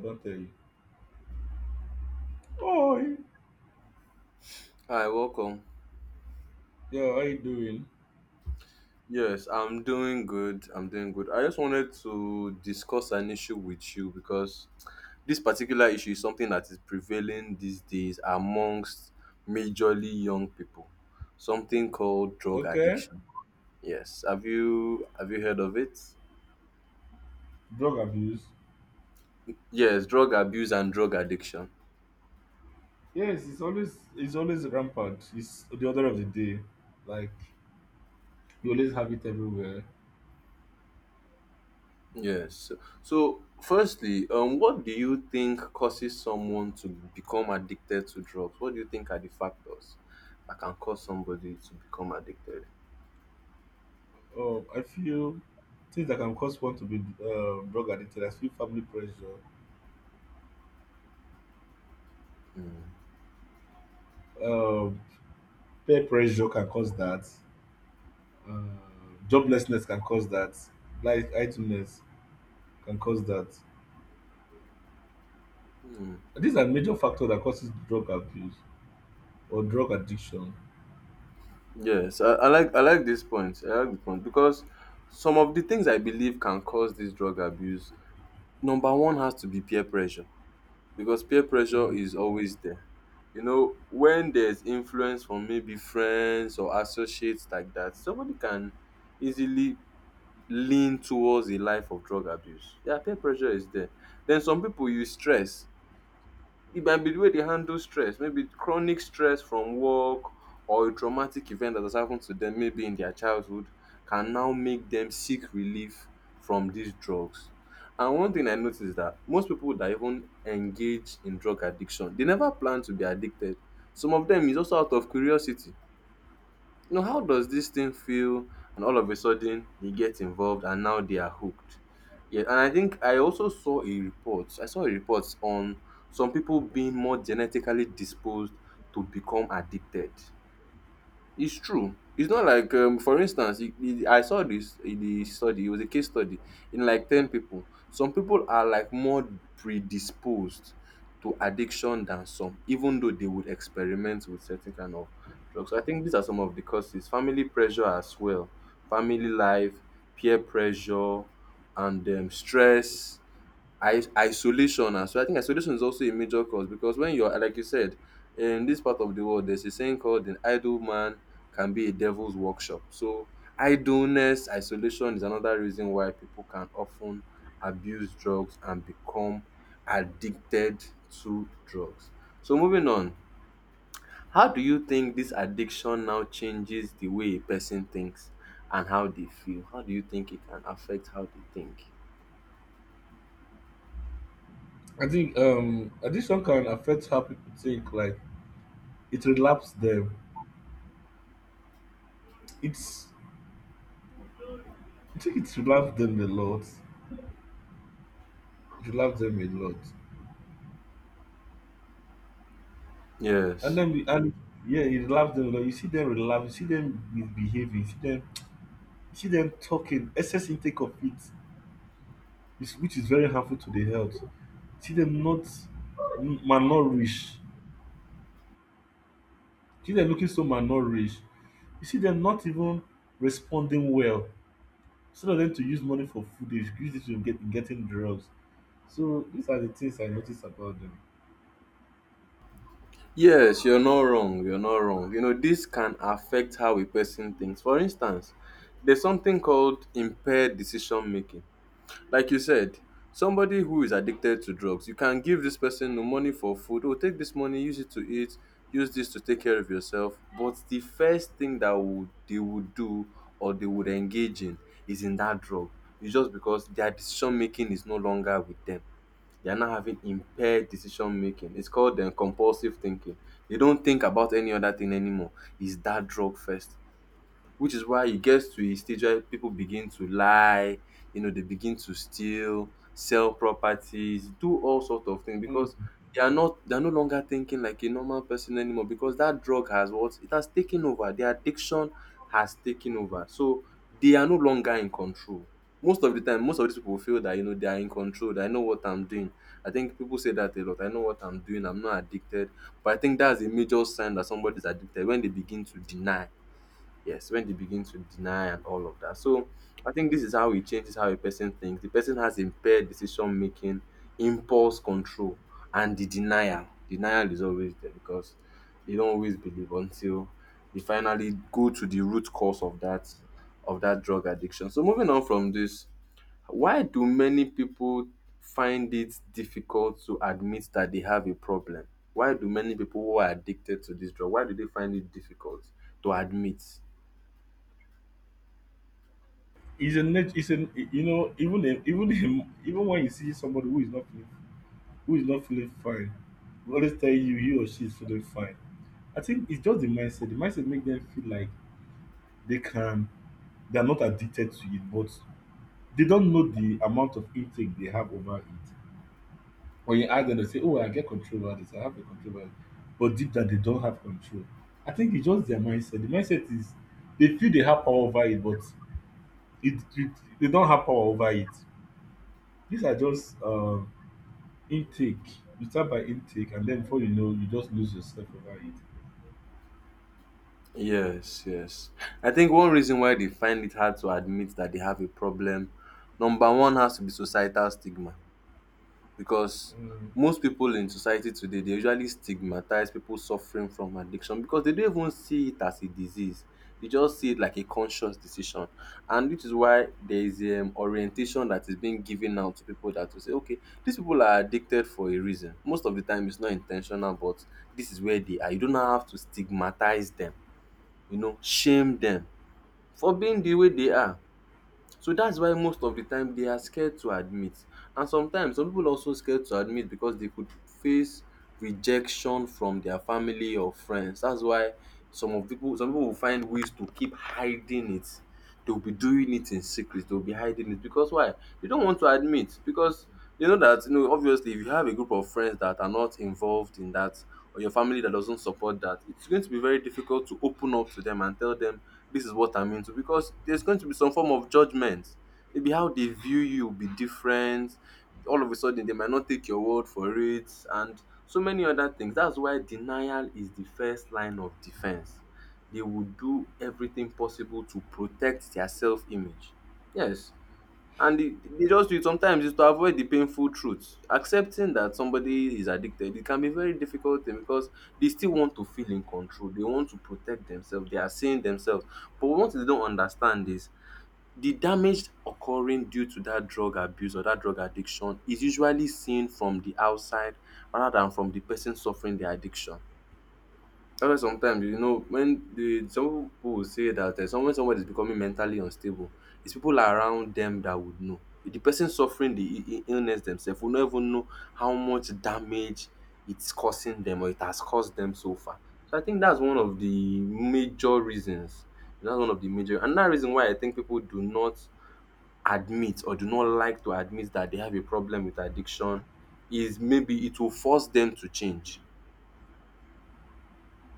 Don't tell you. Oh, Hi, welcome. yo, how you doing? Yes, I'm doing good. I'm doing good. I just wanted to discuss an issue with you because this particular issue is something that is prevailing these days amongst majorly young people. Something called drug Okay. addiction. Yes. Have you heard of it? Drug abuse. Yes, drug abuse and drug addiction. Yes, it's always rampant. It's the order of the day. Like you always have it everywhere. Yes. So, firstly, what do you think causes someone to become addicted to drugs? What do you think are the factors that can cause somebody to become addicted? Oh, I feel things that can cause one to be drug addicted. I feel family pressure. Um, Peer pressure can cause that. Uh, Joblessness can cause that. Like idleness can cause that. Hmm. These are major factors that causes drug abuse or drug addiction. Yes, I like this point. I like the point because some of the things I believe can cause this drug abuse. Number one has to be peer pressure because peer pressure Mm. is always there. You know, when there's influence from maybe friends or associates like that, somebody can easily lean towards a life of drug abuse. Yeah, peer pressure is there. Then some people use stress. It might be the way they handle stress, maybe chronic stress from work or a traumatic event that has happened to them, maybe in their childhood, can now make them seek relief from these drugs. And one thing I noticed is that most people that even engage in drug addiction, they never plan to be addicted. Some of them is also out of curiosity, you know, how does this thing feel? And all of a sudden, they get involved, and now they are hooked. Yeah, and I think I also saw a report. I saw a report on some people being more genetically disposed to become addicted. It's true. It's not like, for instance, I saw this the study. It was a case study in like 10 people. Some people are like more predisposed to addiction than some, even though they would experiment with certain kind of drugs. So, I think these are some of the causes: family pressure as well, family life, peer pressure, and stress. I Isolation, and so I think isolation is also a major cause because, when you're like you said, in this part of the world there's a saying called an idle man can be a devil's workshop. So idleness, isolation is another reason why people can often abuse drugs and become addicted to drugs. So moving on, how do you think this addiction now changes the way a person thinks and how they feel? How do you think it can affect how they think? I think addiction can affect how people think. Like it relapse them. It's I think it relapse them a lot. It relapse them a lot. And Yes. then and yeah, it relapse them a lot. You see them relapse. You see them misbehaving. You see them. You see them talking. Excess intake of it, which is very harmful to the health. You see them not malnourished. You see them looking so malnourished. You see them not even responding well. Instead of them to use money for food, they use it to getting drugs. So these are the things I notice about them. Yes, you're not wrong. You're not wrong. You know, this can affect how a person thinks. For instance, there's something called impaired decision making. Like you said, somebody who is addicted to drugs, you can give this person the money for food, or take this money, use it to eat, use this to take care of yourself. But the first thing that would they would do or they would engage in is in that drug. It's just because their decision making is no longer with them; they are now having impaired decision making. It's called compulsive thinking. They don't think about any other thing anymore. Is that drug first? Which is why it gets to a stage where people begin to lie, you know, they begin to steal, sell properties, do all sort of things Mm. because they are not, they are no longer thinking like a normal person anymore, because that drug has what it has taken over. Their addiction has taken over. So they are no longer in control. Most of the time, most of these people feel that, you know, they are in control, that I know what I'm doing. I think people say that a lot. I know what I'm doing, I'm not addicted. But I think that's a major sign that somebody's addicted, when they begin to deny. Yes, when they begin to deny and all of that. So I think this is how it changes how a person thinks. The person has impaired decision making, impulse control, and the denial. Denial is always there because they don't always believe until they finally go to the root cause of that drug addiction. So moving on from this, why do many people find it difficult to admit that they have a problem? Why do many people who are addicted to this drug, why do they find it difficult to admit? It's a nat- it's a Even when you see somebody who is not feeling fine, they always tell you he or she is feeling fine. I think it's just the mindset. The mindset make them feel like they can they are not addicted to it, but they don't know the amount of intake they have over it. When you ask them, they say, "Oh, I get control over this. I have a control over it," but deep down they don't have control. I think it's just their mindset. The mindset is they feel they have power over it, but it they don't have power over it. These are just intake. You start by intake, and then before you know, you just lose yourself over it. Yes, yes. I think one reason why they find it hard to admit that they have a problem, number one has to be societal stigma. Because Mm. most people in society today, they usually stigmatize people suffering from addiction because they don't even see it as a disease. They just see it like a conscious decision. And which is why there is orientation that is being given out to people that will say, okay, these people are addicted for a reason. Most of the time, it's not intentional, but this is where they are. You do not have to stigmatize them, you know, shame dem for being the way they are. So that's why most of the time they are scared to admit, and sometimes some people also scared to admit because they could face rejection from their family or friends. That's why some people will find ways to keep hiding it. They'll be doing it in secret, they'll be hiding it, because why? They don't want to admit because they know that, you know, obviously, if you have a group of friends that are not involved in that, or your family that doesn't support that, it's going to be very difficult to open up to them and tell them this is what I'm into, because there's going to be some form of judgment. Maybe how they view you will be different, all of a sudden they might not take your word for it, and so many other things. That's why denial is the first line of defense. They would do everything possible to protect their self image. Yes. And they just do it sometimes is to avoid the painful truth. Accepting that somebody is addicted, it can be very difficult thing because they still want to feel in control. They want to protect themselves. They are seeing themselves. But what they don't understand is the damage occurring due to that drug abuse or that drug addiction is usually seen from the outside rather than from the person suffering the addiction. That's why sometimes, you know, when the some people will say that, when someone is becoming mentally unstable, it's people like around them that would know. The person suffering the illness themselves will not even know how much damage it's causing them or it has caused them so far. So I think that's one of the major reasons. That's one of the major, another reason why I think people do not admit or do not like to admit that they have a problem with addiction is maybe it will force them to change.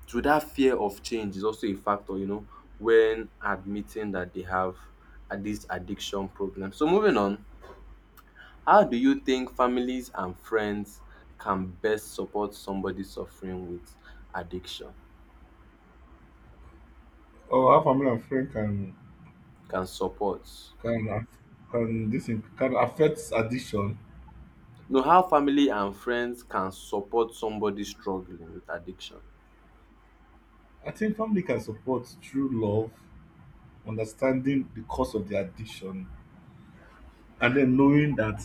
So that fear of change is also a factor, you know, when admitting that they have this addiction problem. So moving on, how do you think families and friends can best support somebody suffering with addiction? Or how family and friend Can support. can aff- can affect addiction. No, how family and friends can support somebody struggling with addiction. I think family can support through love, understanding the cause of the addiction, and then knowing that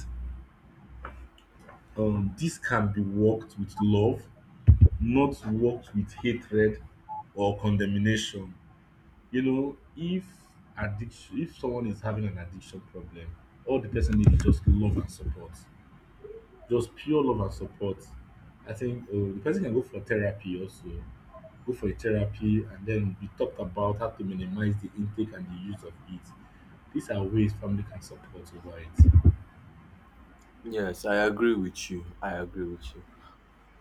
this can be worked with love, not worked with hatred or condemnation. You know, if someone is having an addiction problem, all the person needs is just love and support, just pure love and support. I think the person can go for therapy also, go for a therapy, and then we talked about how to minimize the intake and the use of it. These are ways family can support over it. Yes, I agree with you. I agree with you.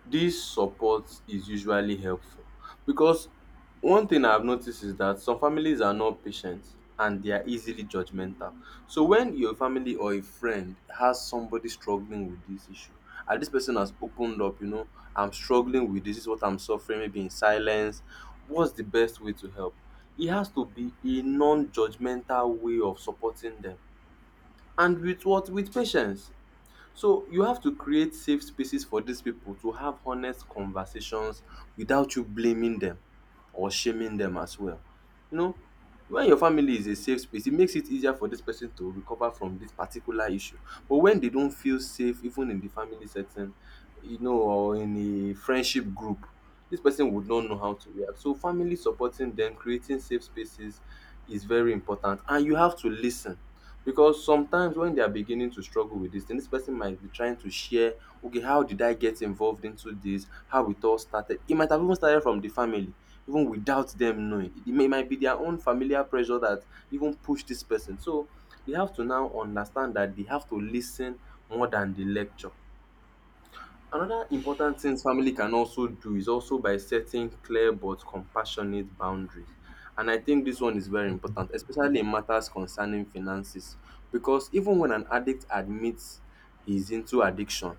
This support is usually helpful because one thing I've noticed is that some families are not patient and they are easily judgmental. So when your family or a friend has somebody struggling with this issue, and this person has opened up, you know, I'm struggling with this, this is what I'm suffering, maybe in silence. What's the best way to help? It has to be a non-judgmental way of supporting them. And with what? With patience. So you have to create safe spaces for these people to have honest conversations without you blaming them or shaming them as well. You know, when your family is a safe space, it makes it easier for this person to recover from this particular issue. But when they don't feel safe, even in the family setting, you know, or in a friendship group, this person would not know how to react. So family supporting them, creating safe spaces is very important. And you have to listen, because sometimes when they are beginning to struggle with this thing, this person might be trying to share, okay, how did I get involved into this, how it all started. It might have even started from the family, even without them knowing. It may might be their own familiar pressure that even pushed this person. So they have to now understand that they have to listen more than the lecture. Another important thing family can also do is also by setting clear but compassionate boundaries. And I think this one is very important, especially in matters concerning finances. Because even when an addict admits he's into addiction,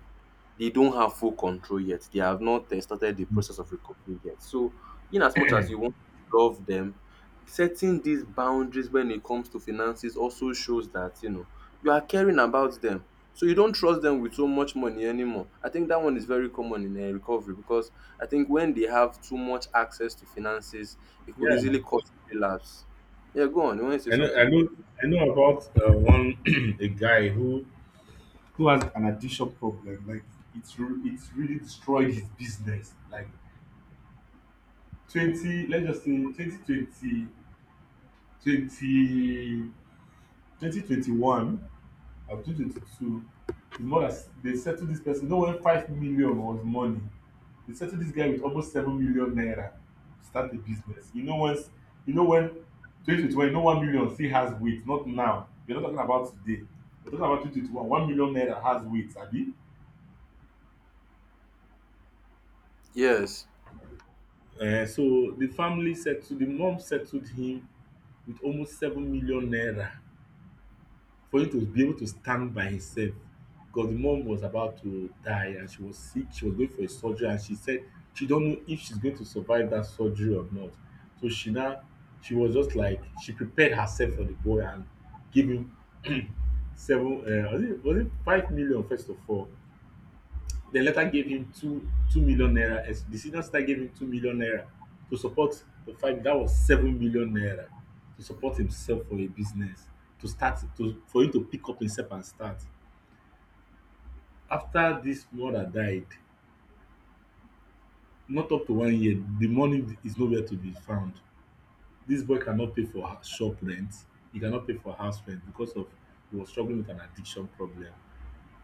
they don't have full control yet. They have not started the process of recovery yet. So, in as much as you want to love them, setting these boundaries when it comes to finances also shows that, you know, you are caring about them. So you don't trust them with so much money anymore. I think that one is very common in recovery because I think when they have too much access to finances, it could easily Yeah, cause relapse. Yeah, go on. You want to say I know, I something? know, I know about one a guy who has an addiction problem. Like it's really destroyed his business. Like 20, let's just say 2020, 20, 2021 or 2022, is more than s- they settled this person. No, when 5 million was money. They settled this guy with almost 7 million naira to start a business. You know when 2021, you know 1 million still has weight, not now. We're not talking about today. We're talking about 2021. 1 million naira has weight, Abi. Yes, So the family settled, the mom settled him with almost 7 million naira for him to be able to stand by himself, because the mom was about to die and she was sick. She was going for a surgery and she said she don't know if she's going to survive that surgery or not. So she now, she was just like, she prepared herself for the boy and gave him seven, was it 5 million first of all, then later gave him two two million naira, as the senior sister gave him 2 million naira to support the five that was 7 million naira to support himself for a business, to start, to for him to pick up himself and start. After this mother died, not up to 1 year, the money is nowhere to be found. This boy cannot pay for shop rent. He cannot pay for house rent because of he was struggling with an addiction problem.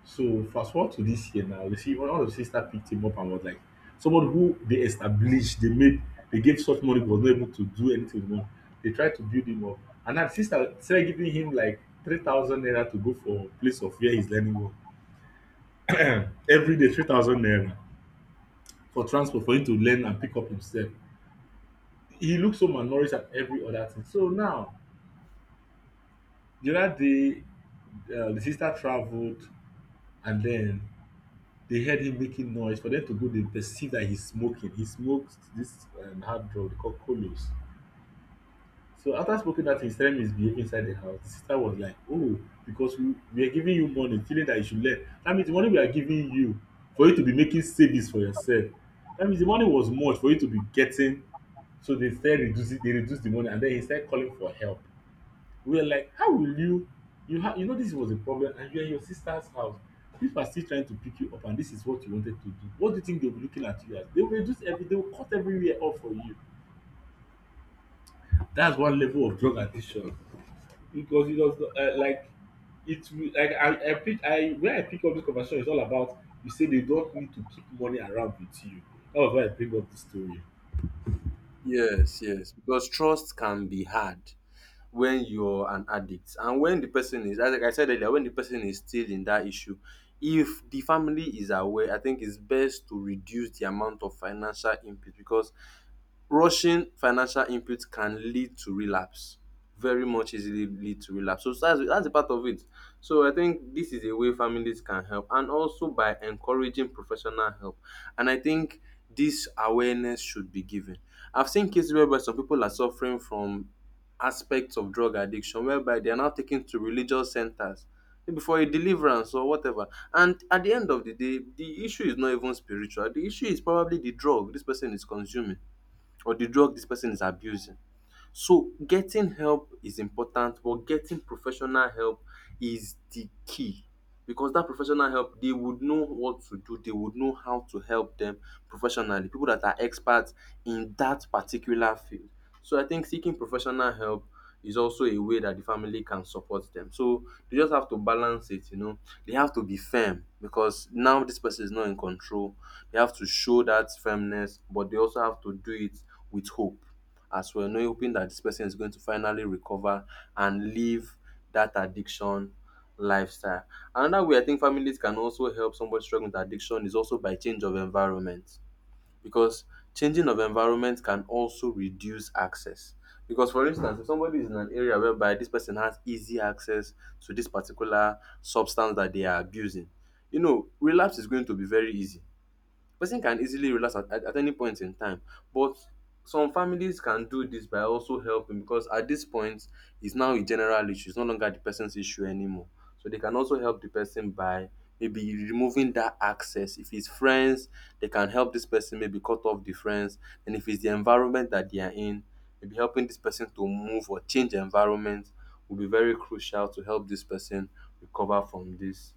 So fast forward to this year now, you see one of the sister picked him up and was like, someone who they established, they made, they gave such money but was not able to do anything with money. They tried to build him up, and that sister started giving him like 3,000 naira to go for place of where he's learning work every day 3,000 naira for transport for him to learn and pick up himself. He looks so malnourished at every other thing. So now, the other day, the sister traveled and then they heard him making noise. For them to go, they perceive that he's smoking. He smokes this hard drug called Colos. So after smoking that, thing, he started misbehaving inside the house. The sister was like, "Oh, because we are giving you money, feeling that you should learn. That means the money we are giving you for you to be making savings for yourself. That means the money was much for you to be getting." So they started reducing, they reduced the money, and then he started calling for help. We were like, how will you, you have, you know, this was a problem, and you're in your sister's house. People are still trying to pick you up, and this is what you wanted to do. What do you think they'll be looking at you as? They will reduce every, they will cut everywhere off for you. That's one level of drug addiction. Because it does like it will, like, I pick I where I pick up this conversation is all about you say they don't need to keep money around with you. That was why I bring up this story. yes, yes. Because trust can be hard when you're an addict, and when the person is, like I said earlier, when the person is still in that issue, if the family is aware, I think it's best to reduce the amount of financial input because rushing financial input can lead to relapse, very much easily lead to relapse. So that's a part of it. So I think this is a way families can help, and also by encouraging professional help. And I think this awareness should be given. I've seen cases whereby some people are suffering from aspects of drug addiction whereby they are now taken to religious centers, maybe for a deliverance or whatever, and at the end of the day the issue is not even spiritual. The issue is probably the drug this person is consuming or the drug this person is abusing. So getting help is important, but getting professional help is the key, because that professional help, they would know what to do, they would know how to help them professionally. People that are experts in that particular field. So I think seeking professional help is also a way that the family can support them. So they just have to balance it, you know. They have to be firm because now this person is not in control. They have to show that firmness, but they also have to do it with hope as well, knowing, hoping that this person is going to finally recover and leave that addiction lifestyle. Another way I think families can also help somebody struggling with addiction is also by change of environment, because changing of environment can also reduce access. Because for instance, if somebody is in an area whereby this person has easy access to this particular substance that they are abusing, you know, relapse is going to be very easy. Person can easily relax at any point in time, but some families can do this by also helping, because at this point, it's now a general issue. It's no longer the person's issue anymore. So they can also help the person by maybe removing that access. If it's friends, they can help this person maybe cut off the friends. And if it's the environment that they are in, maybe helping this person to move or change environment will be very crucial to help this person recover from this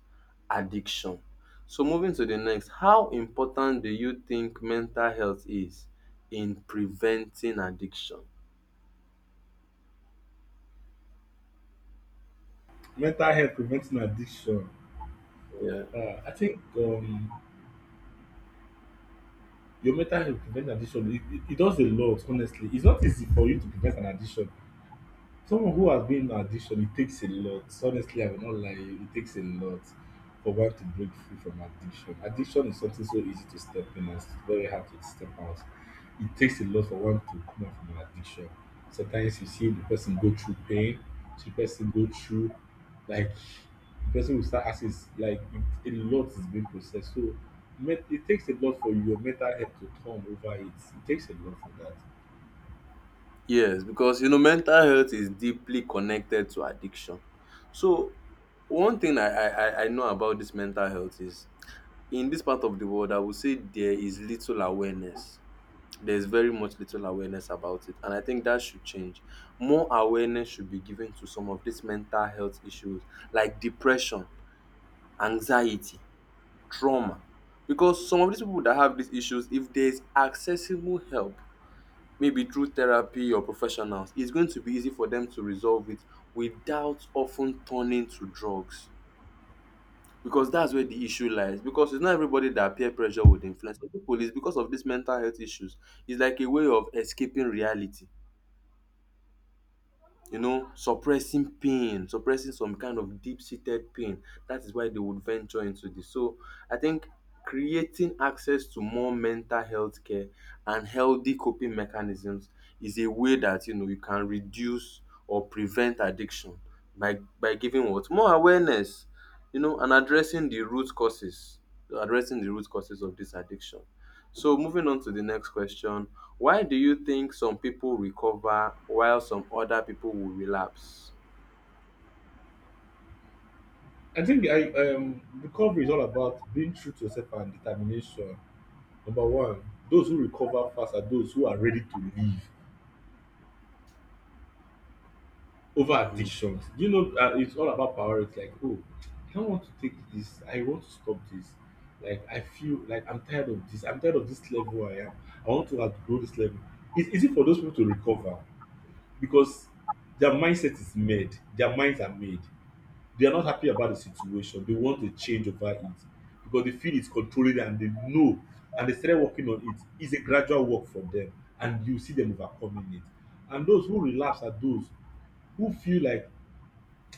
addiction. So moving to the next, how important do you think mental health is in preventing addiction? Mental health preventing addiction. Yeah. I think your mental health prevent addiction. It does a lot, honestly. It's not easy for you to prevent an addiction. Someone who has been in addiction, it takes a lot. Honestly, I will not lie, it takes a lot for one to break free from addiction. Addiction is something so easy to step in and it's very hard to step out. It takes a lot for one to come out from an addiction. Sometimes you see the person go through pain, see the person go through, like, the person will start asking, like, it, a lot is being processed. So it takes a lot for your mental health to turn over it. It takes a lot for that. Yes, because you know mental health is deeply connected to addiction. So one thing I know about this mental health is, in this part of the world I would say there is little awareness. There's very much little awareness about it. And I think that should change. More awareness should be given to some of these mental health issues like depression, anxiety, trauma, because some of these people that have these issues, if there's accessible help maybe through therapy or professionals, it's going to be easy for them to resolve it without often turning to drugs, because that's where the issue lies. Because it's not everybody that peer pressure would influence. Some people, it's because of these mental health issues. It's like a way of escaping reality, you know, suppressing pain, suppressing some kind of deep seated pain. That is why they would venture into this. So I think creating access to more mental health care and healthy coping mechanisms is a way that, you know, you can reduce or prevent addiction, by giving what, more awareness, you know, and addressing the root causes, addressing the root causes of this addiction. So moving on to the next question, why do you think some people recover while some other people will relapse? I think I recovery is all about being true to yourself and determination. Number one, those who recover fast are those who are ready to leave over Mm. addictions. You know, it's all about priorities. Like, oh, I don't want to take this. I want to stop this. Like, I feel like I'm tired of this. I'm tired of this level I am. I want to outgrow this level. It's easy for those people to recover because their mindset is made. Their minds are made. They are not happy about the situation. They want a change over it because they feel it's controlling and they know, and they started working on it. It's a gradual work for them and you see them overcoming it. And those who relapse are those who feel like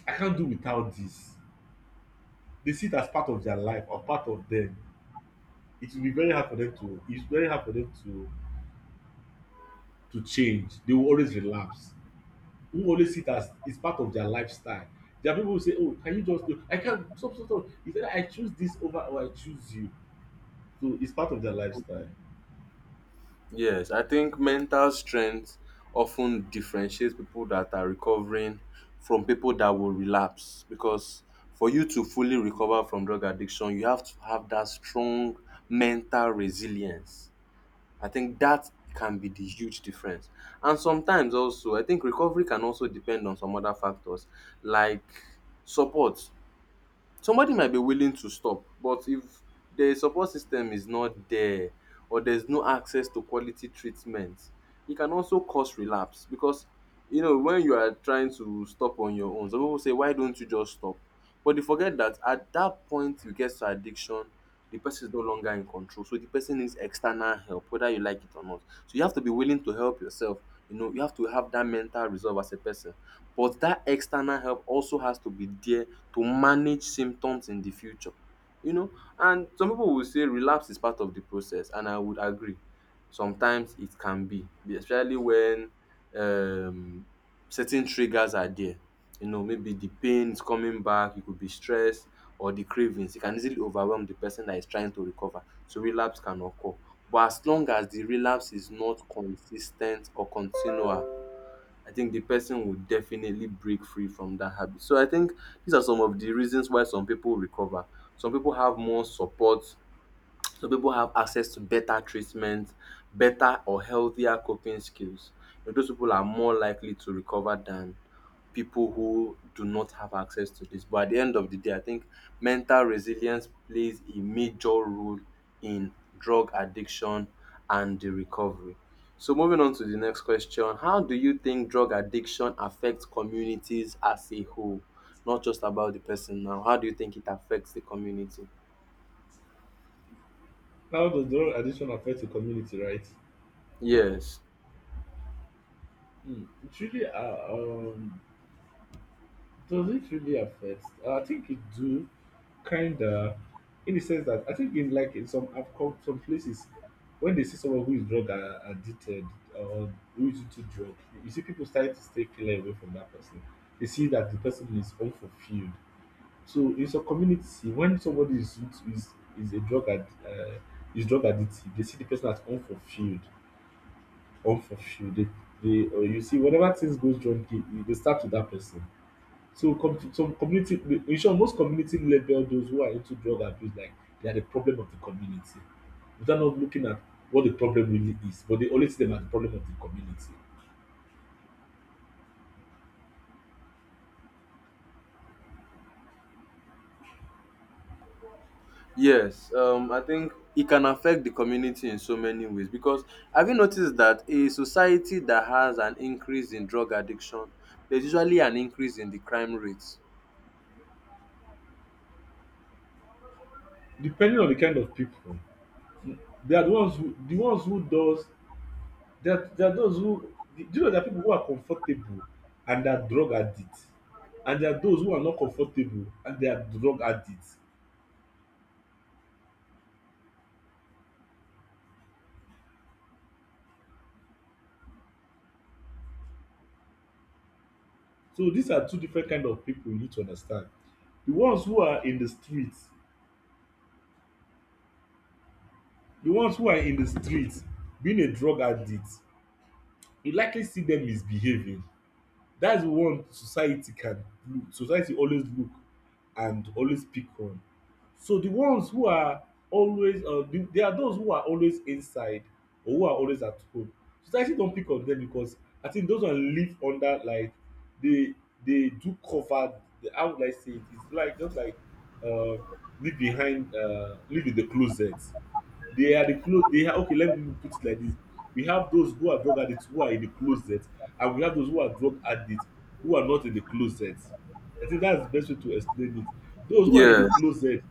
I can't do without this. They see it as part of their life or part of them. It will be very hard for them to, it's very hard for them to change. They will always relapse. Who always see it as it's part of their lifestyle. There are people who say, "Oh, can you just do I can't stop, stop, stop. It's either I choose this over or I choose you." So it's part of their lifestyle. Yes, I think mental strength often differentiates people that are recovering from people that will relapse, because for you to fully recover from drug addiction, you have to have that strong mental resilience. I think that can be the huge difference. And sometimes also, I think recovery can also depend on some other factors like support. Somebody might be willing to stop, but if the support system is not there or there's no access to quality treatment, it can also cause relapse. Because you know when you are trying to stop on your own, some people say, why don't you just stop? But they forget that at that point you get to addiction, the person is no longer in control, so the person needs external help, whether you like it or not. So you have to be willing to help yourself, you know, you have to have that mental resolve as a person, but that external help also has to be there to manage symptoms in the future. You know, and some people will say relapse is part of the process, and I would agree. Sometimes it can be, especially when um certain triggers are there. You know, maybe the pain is coming back, it could be stress or the cravings. It can easily overwhelm the person that is trying to recover. So relapse can occur. But as long as the relapse is not consis ten t or continual, I think the person will definitely break free from that habit. So I think these are some of the reasons why some people recover. Some people have more support, so people have access to better treatment, better or healthier coping skills. You know, those people are more likely to recover than people who do not have access to this. But at the end of the day, I think mental resilience plays a major role in drug addiction and the recovery. So moving on to the next question, how do you think drug addiction affects communities as a whole? Not just about the person now. How do you think it affects the community? How does drug addiction affect the community, right? Yes. Hmm. It really, does it really affect? I think it do, kinda, in the sense that I think in, like, in some, I've come some places when they see someone who is drug addicted, or who is into drug, you see people starting to stay clear away from that person. They see that the person is unfulfilled. So in some community, when somebody is is drug addicted, they see the person as unfulfilled off of you. Or you see, whenever things goes wrong, they start with that person. So some community, in short, most community label those who are into drug abuse like they are the problem of the community, without not looking at what the problem really is. But they always see them as the problem of the community. Yes, I think it can affect the community in so many ways, because have you noticed that a society that has an increase in drug addiction, there's usually an increase in the crime rates. Depending on the kind of people, they are the ones who does they are those who do, you know, there are people who are comfortable and they are drug addicts, and there are those who are not comfortable and they are drug addicts. So these are two different kind of people you need to understand. The ones who are in the street, the ones who are in the street being a drug addict, you likely see them misbehaving. That's the one society can look and always pick on. So the ones who are always there are those who are always inside or who are always at home. Society don pick on them because I think those one live under like they they do cover the how would I say it? It's like just like uh, live behind live in the closet. They are the clo they are okay let me put it like this. We have those who are drug addicts who are in the closet and we have those who are drug addicts who are not in the closet. I think that's the best way to explain it. Yes,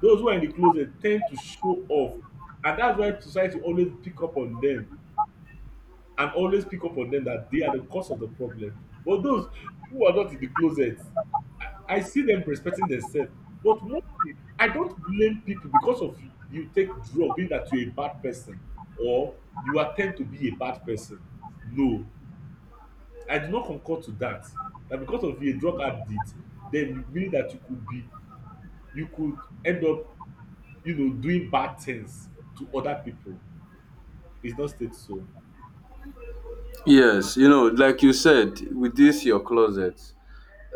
Those who are in the closet ten d to show off, and dats why society always pick up on dem and always pick up on dem dat they are the cause of the problem. But those who are not in the closet, I see dem respecting themselves. But one thing, I don't blame people because of you take drug mean dat you a bad person or you attempt to be a bad person. No, I do not concur to dat. Na because of a drug addict den you mean dat you could be you could end up, you know, doing bad things to other people. It's not state so. yes, you know, like you said, with this your closet,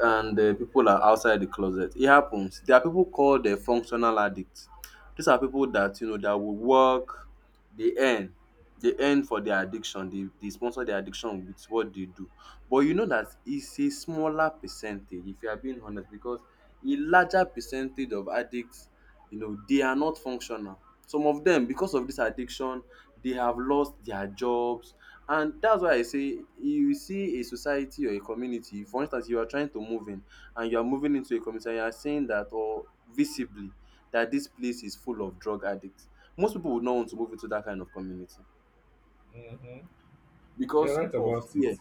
and people are outside the closet. It happens. There are people called functional addicts. These are people that you know that will work, dey earn, dey earn for their addiction, dey sponsor their addiction with what they do. But you know that it's a smaller percentage, if you are being honest, because a larger percentage of addicts, you know, they are not functional. Some of them, because of this addiction, they have lost their jobs. And that's why I say, you see a society or a community, for instance you are trying to move in, and you are moving into a community and you are saying that, or visibly, that this place is full of drug addicts, most people would not want to move into that kind of community Mm-hmm. You're because right of about fear. it.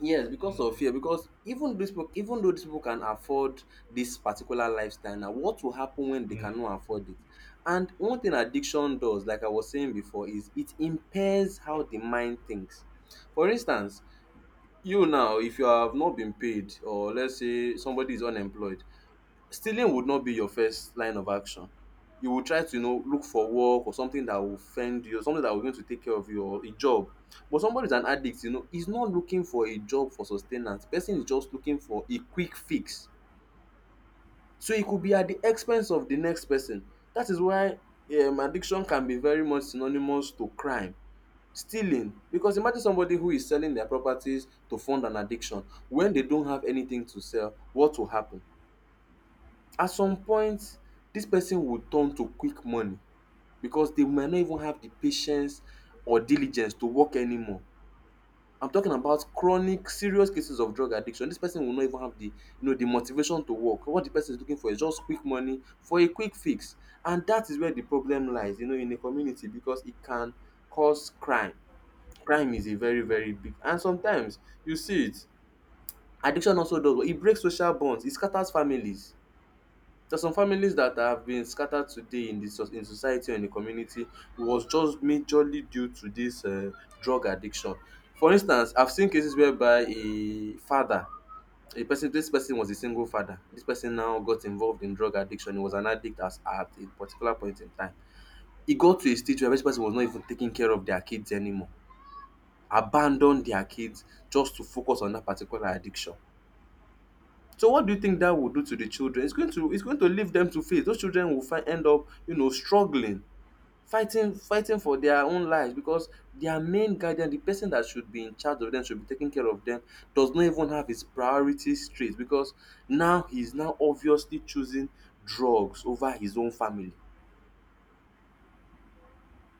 Yes, because of Mm-hmm. fear. Because even these people, even though these people can afford this particular lifestyle now, what will happen when they cannot afford it? And one thing addiction does, like I was saying before, is it impairs how the mind thinks. For instance, you now, if you have not been paid, or let's say somebody is unemployed, stealing would not be your first line of action. You will try to, you know, look for work or something that will fend you, something that will going to take care of you, or a job. But somebody is an addict, you know, he's not looking for a job for sustenance. Person is just looking for a quick fix. So it could be at the expense of the next person. That is why addiction can be very much synonymous to crime. Stealing, because imagine somebody who is selling their properties to fund an addiction. When they don't have anything to sell, what will happen? At some point dis person will turn to quick money, because they might not even have the patience or diligence to work anymore. I'm talking about chronic serious cases of drug addiction. Dis person will not even have the, you know, the motivation to work. What the person is looking for is just quick money for a quick fix, and dat is where the problem lies, you know, in a community, because e can cause crime. Crime is a very big and sometimes you see it. Addiction also does what? E breaks social bonds, e scatters families. For some families that have been scattered today in the society or in the community was just majorly due to dis drug addiction. For instance, I've seen cases whereby a father a person dis person was a single father. Dis person now got involved in drug addiction, he was an addict as at a particular point in time. E got to a stage whereby dis person was not even taking care of their kids anymore, abandon their kids just to focus on dat particular addiction. So what do you think that will do to the children? It's going to leave them to face. Those children will find end up you know struggling, fighting for their own lives, because their main guardian, the person that should be in charge of them, should be taking care of them, does not even have his priorities straight, because now he's now obviously choosing drugs over his own family.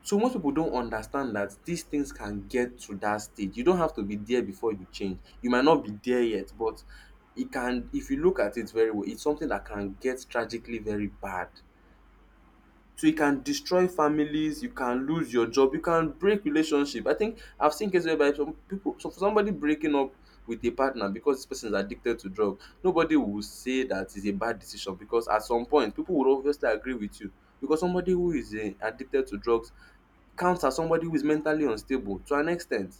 So most people don't understand that these things can get to that stage. You don't have to be there before you change. You might not be there yet, but it can. If you look at it very well, it's something that can get tragically very bad. So you can destroy families, you can lose your job, you can break relationship. I think I've seen cases whereby some people, so for somebody breaking up with a partner because this person is addicted to drug, nobody will say that it's a bad decision, because at some point people would obviously agree with you. Because somebody who is addicted to drugs counts as somebody who is mentally unstable to an extent.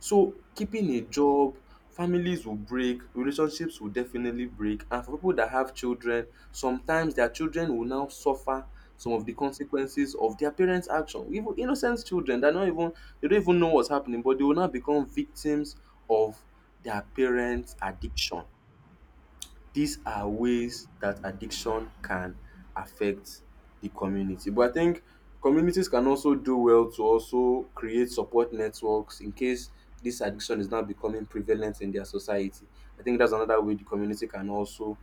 So keeping a job, families will break, relationships will definitely break, and for people that have children, sometimes their children will now suffer some of the consequences of their parents' action. Even innocent children that not even they don't even know what's happening, but they will now become victims of their parents' addiction. These are ways that addiction can affect the community, but I think communities can also do well to also create support networks in case this addiction is now becoming prevalent in their society. I think that's another way the community can also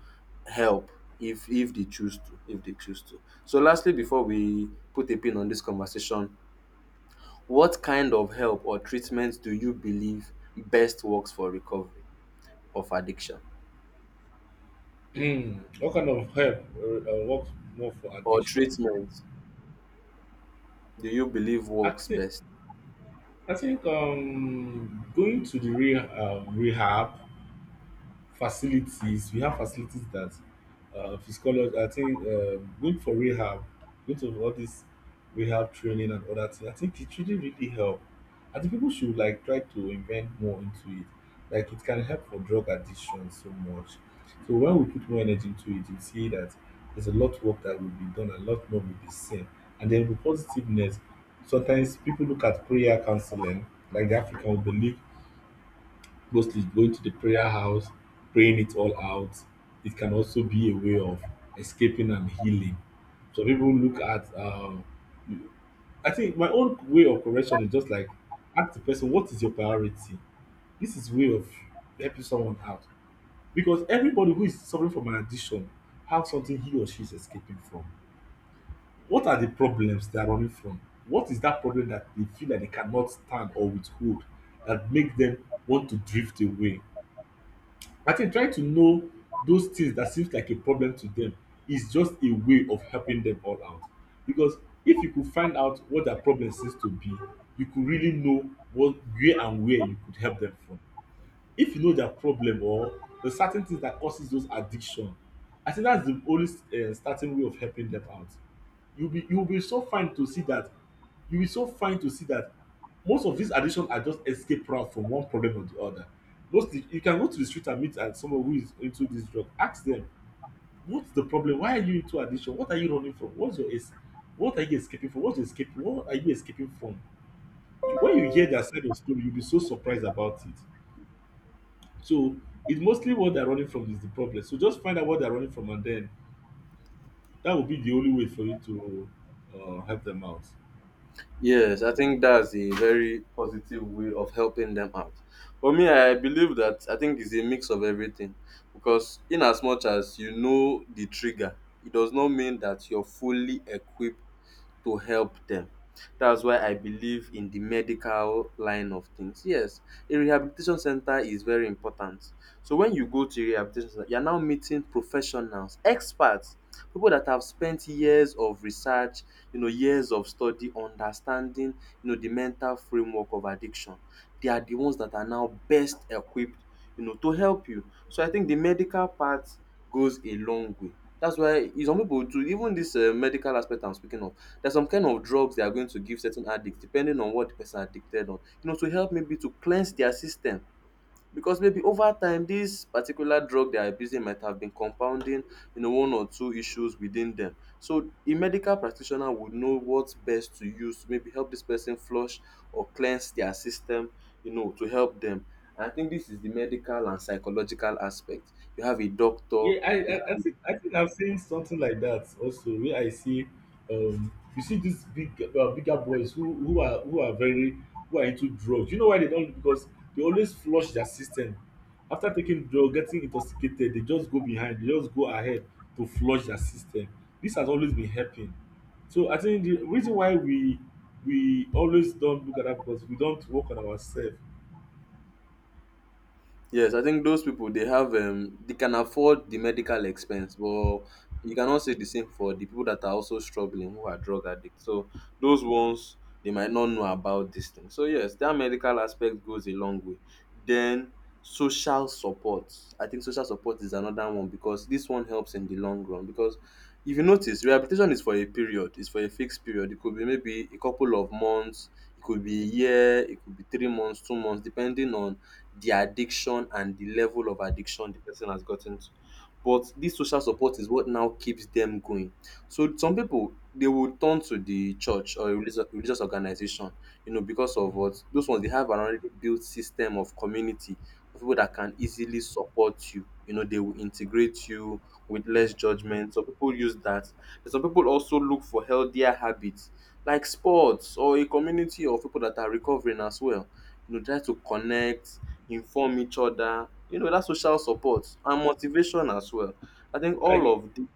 help if they choose to, if they choose to. So lastly, before we put a pin on this conversation, what kind of help or treatment do you believe best works for recovery of addiction What kind of help works more for or addiction? treatment? Do you believe I works think best? I think going to the rehab facilities. We have facilities that psychology. I think going for rehab, going to all this rehab training and other things, I think it really really help. I think people should like try to invent more into it. Like it can help for drug addiction so much. So when we put more energy into it, you see that there's a lot of work that will be done, a lot more will be seen. And then with positiveness, sometimes people look at prayer counseling, like the african will believe, mostly going to the prayer house, praying it all out. It can also be a way of escaping and healing. So people look at, I think my own way of correction is just like ask the person, what is your priority? This is way of helping someone out, because everybody who is suffering from an addiction have something he or she is escaping from. What are the problems they are running from? What is that problem that they feel that they cannot stand or withhold that make them want to drift away? I think trying to know those things that seems like a problem to them is just a way of helping them all out. Because if you could find out what their problem seems to be, you could really know what where and where you could help them from. If you know their problem or the certain things that causes those addiction, I think that's the only starting way of helping them out. You'll be so fine to see that You'll be so fine to see that most of these additions are just escape route from one problem to the other. Most, you can go to the street and meet someone who is into this drug. Ask them, what's the problem? Why are you into addiction? What are you running from? What are you escaping from? What's your escaping? What are you escaping from? When you hear their side of story, you'll be so surprised about it. So it's mostly what they're running from is the problem. So just find out what they're running from, and then that will be the only way for you to help them out. Yes, I think that's a very positive way of helping them out. For me, I believe that, I think it's a mix of everything, because in as much as you know the trigger, it does not mean that you're fully equipped to help them. That's why I believe in the medical line of things. Yes, a rehabilitation center is very important. So when you go to a rehabilitation center, you're now meeting professionals, experts, people that have spent years of research, you know, years of study, understanding, you know, the mental framework of addiction. They are the ones that are now best equipped, you know, to help you. So I think the medical part goes a long way. That's why some people too, even this medical aspect I'm speaking of, there's some kind of drugs they are going to give certain addicts depending on what the person addicted on. You know, to help maybe to cleanse their system. Because maybe over time this particular drug they are abusing might have been compounding, you know, one or two issues within them. So a medical practitioner would know what's best to use to maybe help this person flush or cleanse their system, you know, to help them. And I think this is the medical and psychological aspect. You have a doctor, Yeah, I, I, I you. think I think I've seen something like that also, where I see you see these bigger boys who are into drugs. You know why? They don't, because they always flush their system. After taking drug, getting intoxicated, they just go behind, they just go ahead to flush their system. This has always been happening. So I think the reason why we always don't look at that, because we don't work on ourselves. Yes, I think those people, they have they can afford the medical expense, but you cannot say the same for the people that are also struggling who are drug addicts. So those ones, they might not know about this thing. So yes, that medical aspect goes a long way. Then social support. I think social support is another one because this one helps in the long run. Because if you notice, rehabilitation is for a period, it's for a fixed period. It could be maybe a couple of months, it could be a year, it could be 3 months, 2 months, depending on the addiction and the level of addiction the person has gotten to. But this social support is what now keeps them going. So some people, they will turn to the church or a religious organization, you know, because of Mm, what those ones, they have an already built system of community of people that can easily support you. You know, they will integrate you with mm, less mm. judgment. Some people use that. But some people also look for healthier habits like sports or a community of people that are recovering as well. You know, try to connect, inform each other, you know, that social support and motivation as well. I think all I of the,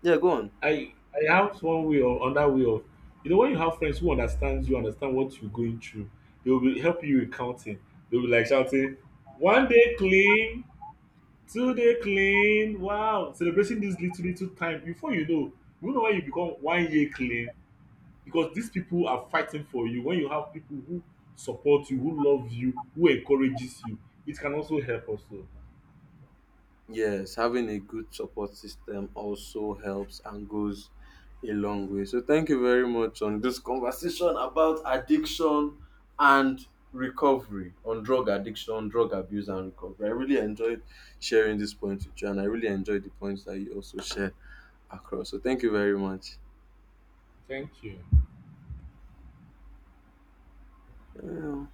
yeah, go on. I have one way or another way of, you know, when you have friends who understands you, understand what you're going through, they will be helping you with counting. They'll be like shouting, 1 day clean, 2 day clean, wow, celebrating this little little time. Before you know when you become 1 year clean, because these people are fighting for you. When you have people who support you, who love you, who encourages you, it can also help also. Yes, having a good support system also helps and goes a long way. So thank you very much on this conversation about addiction and recovery on drug addiction, drug abuse and recovery. I really enjoyed sharing this point with you and I really enjoyed the points that you also shared across. So thank you very much. Thank you. Yeah.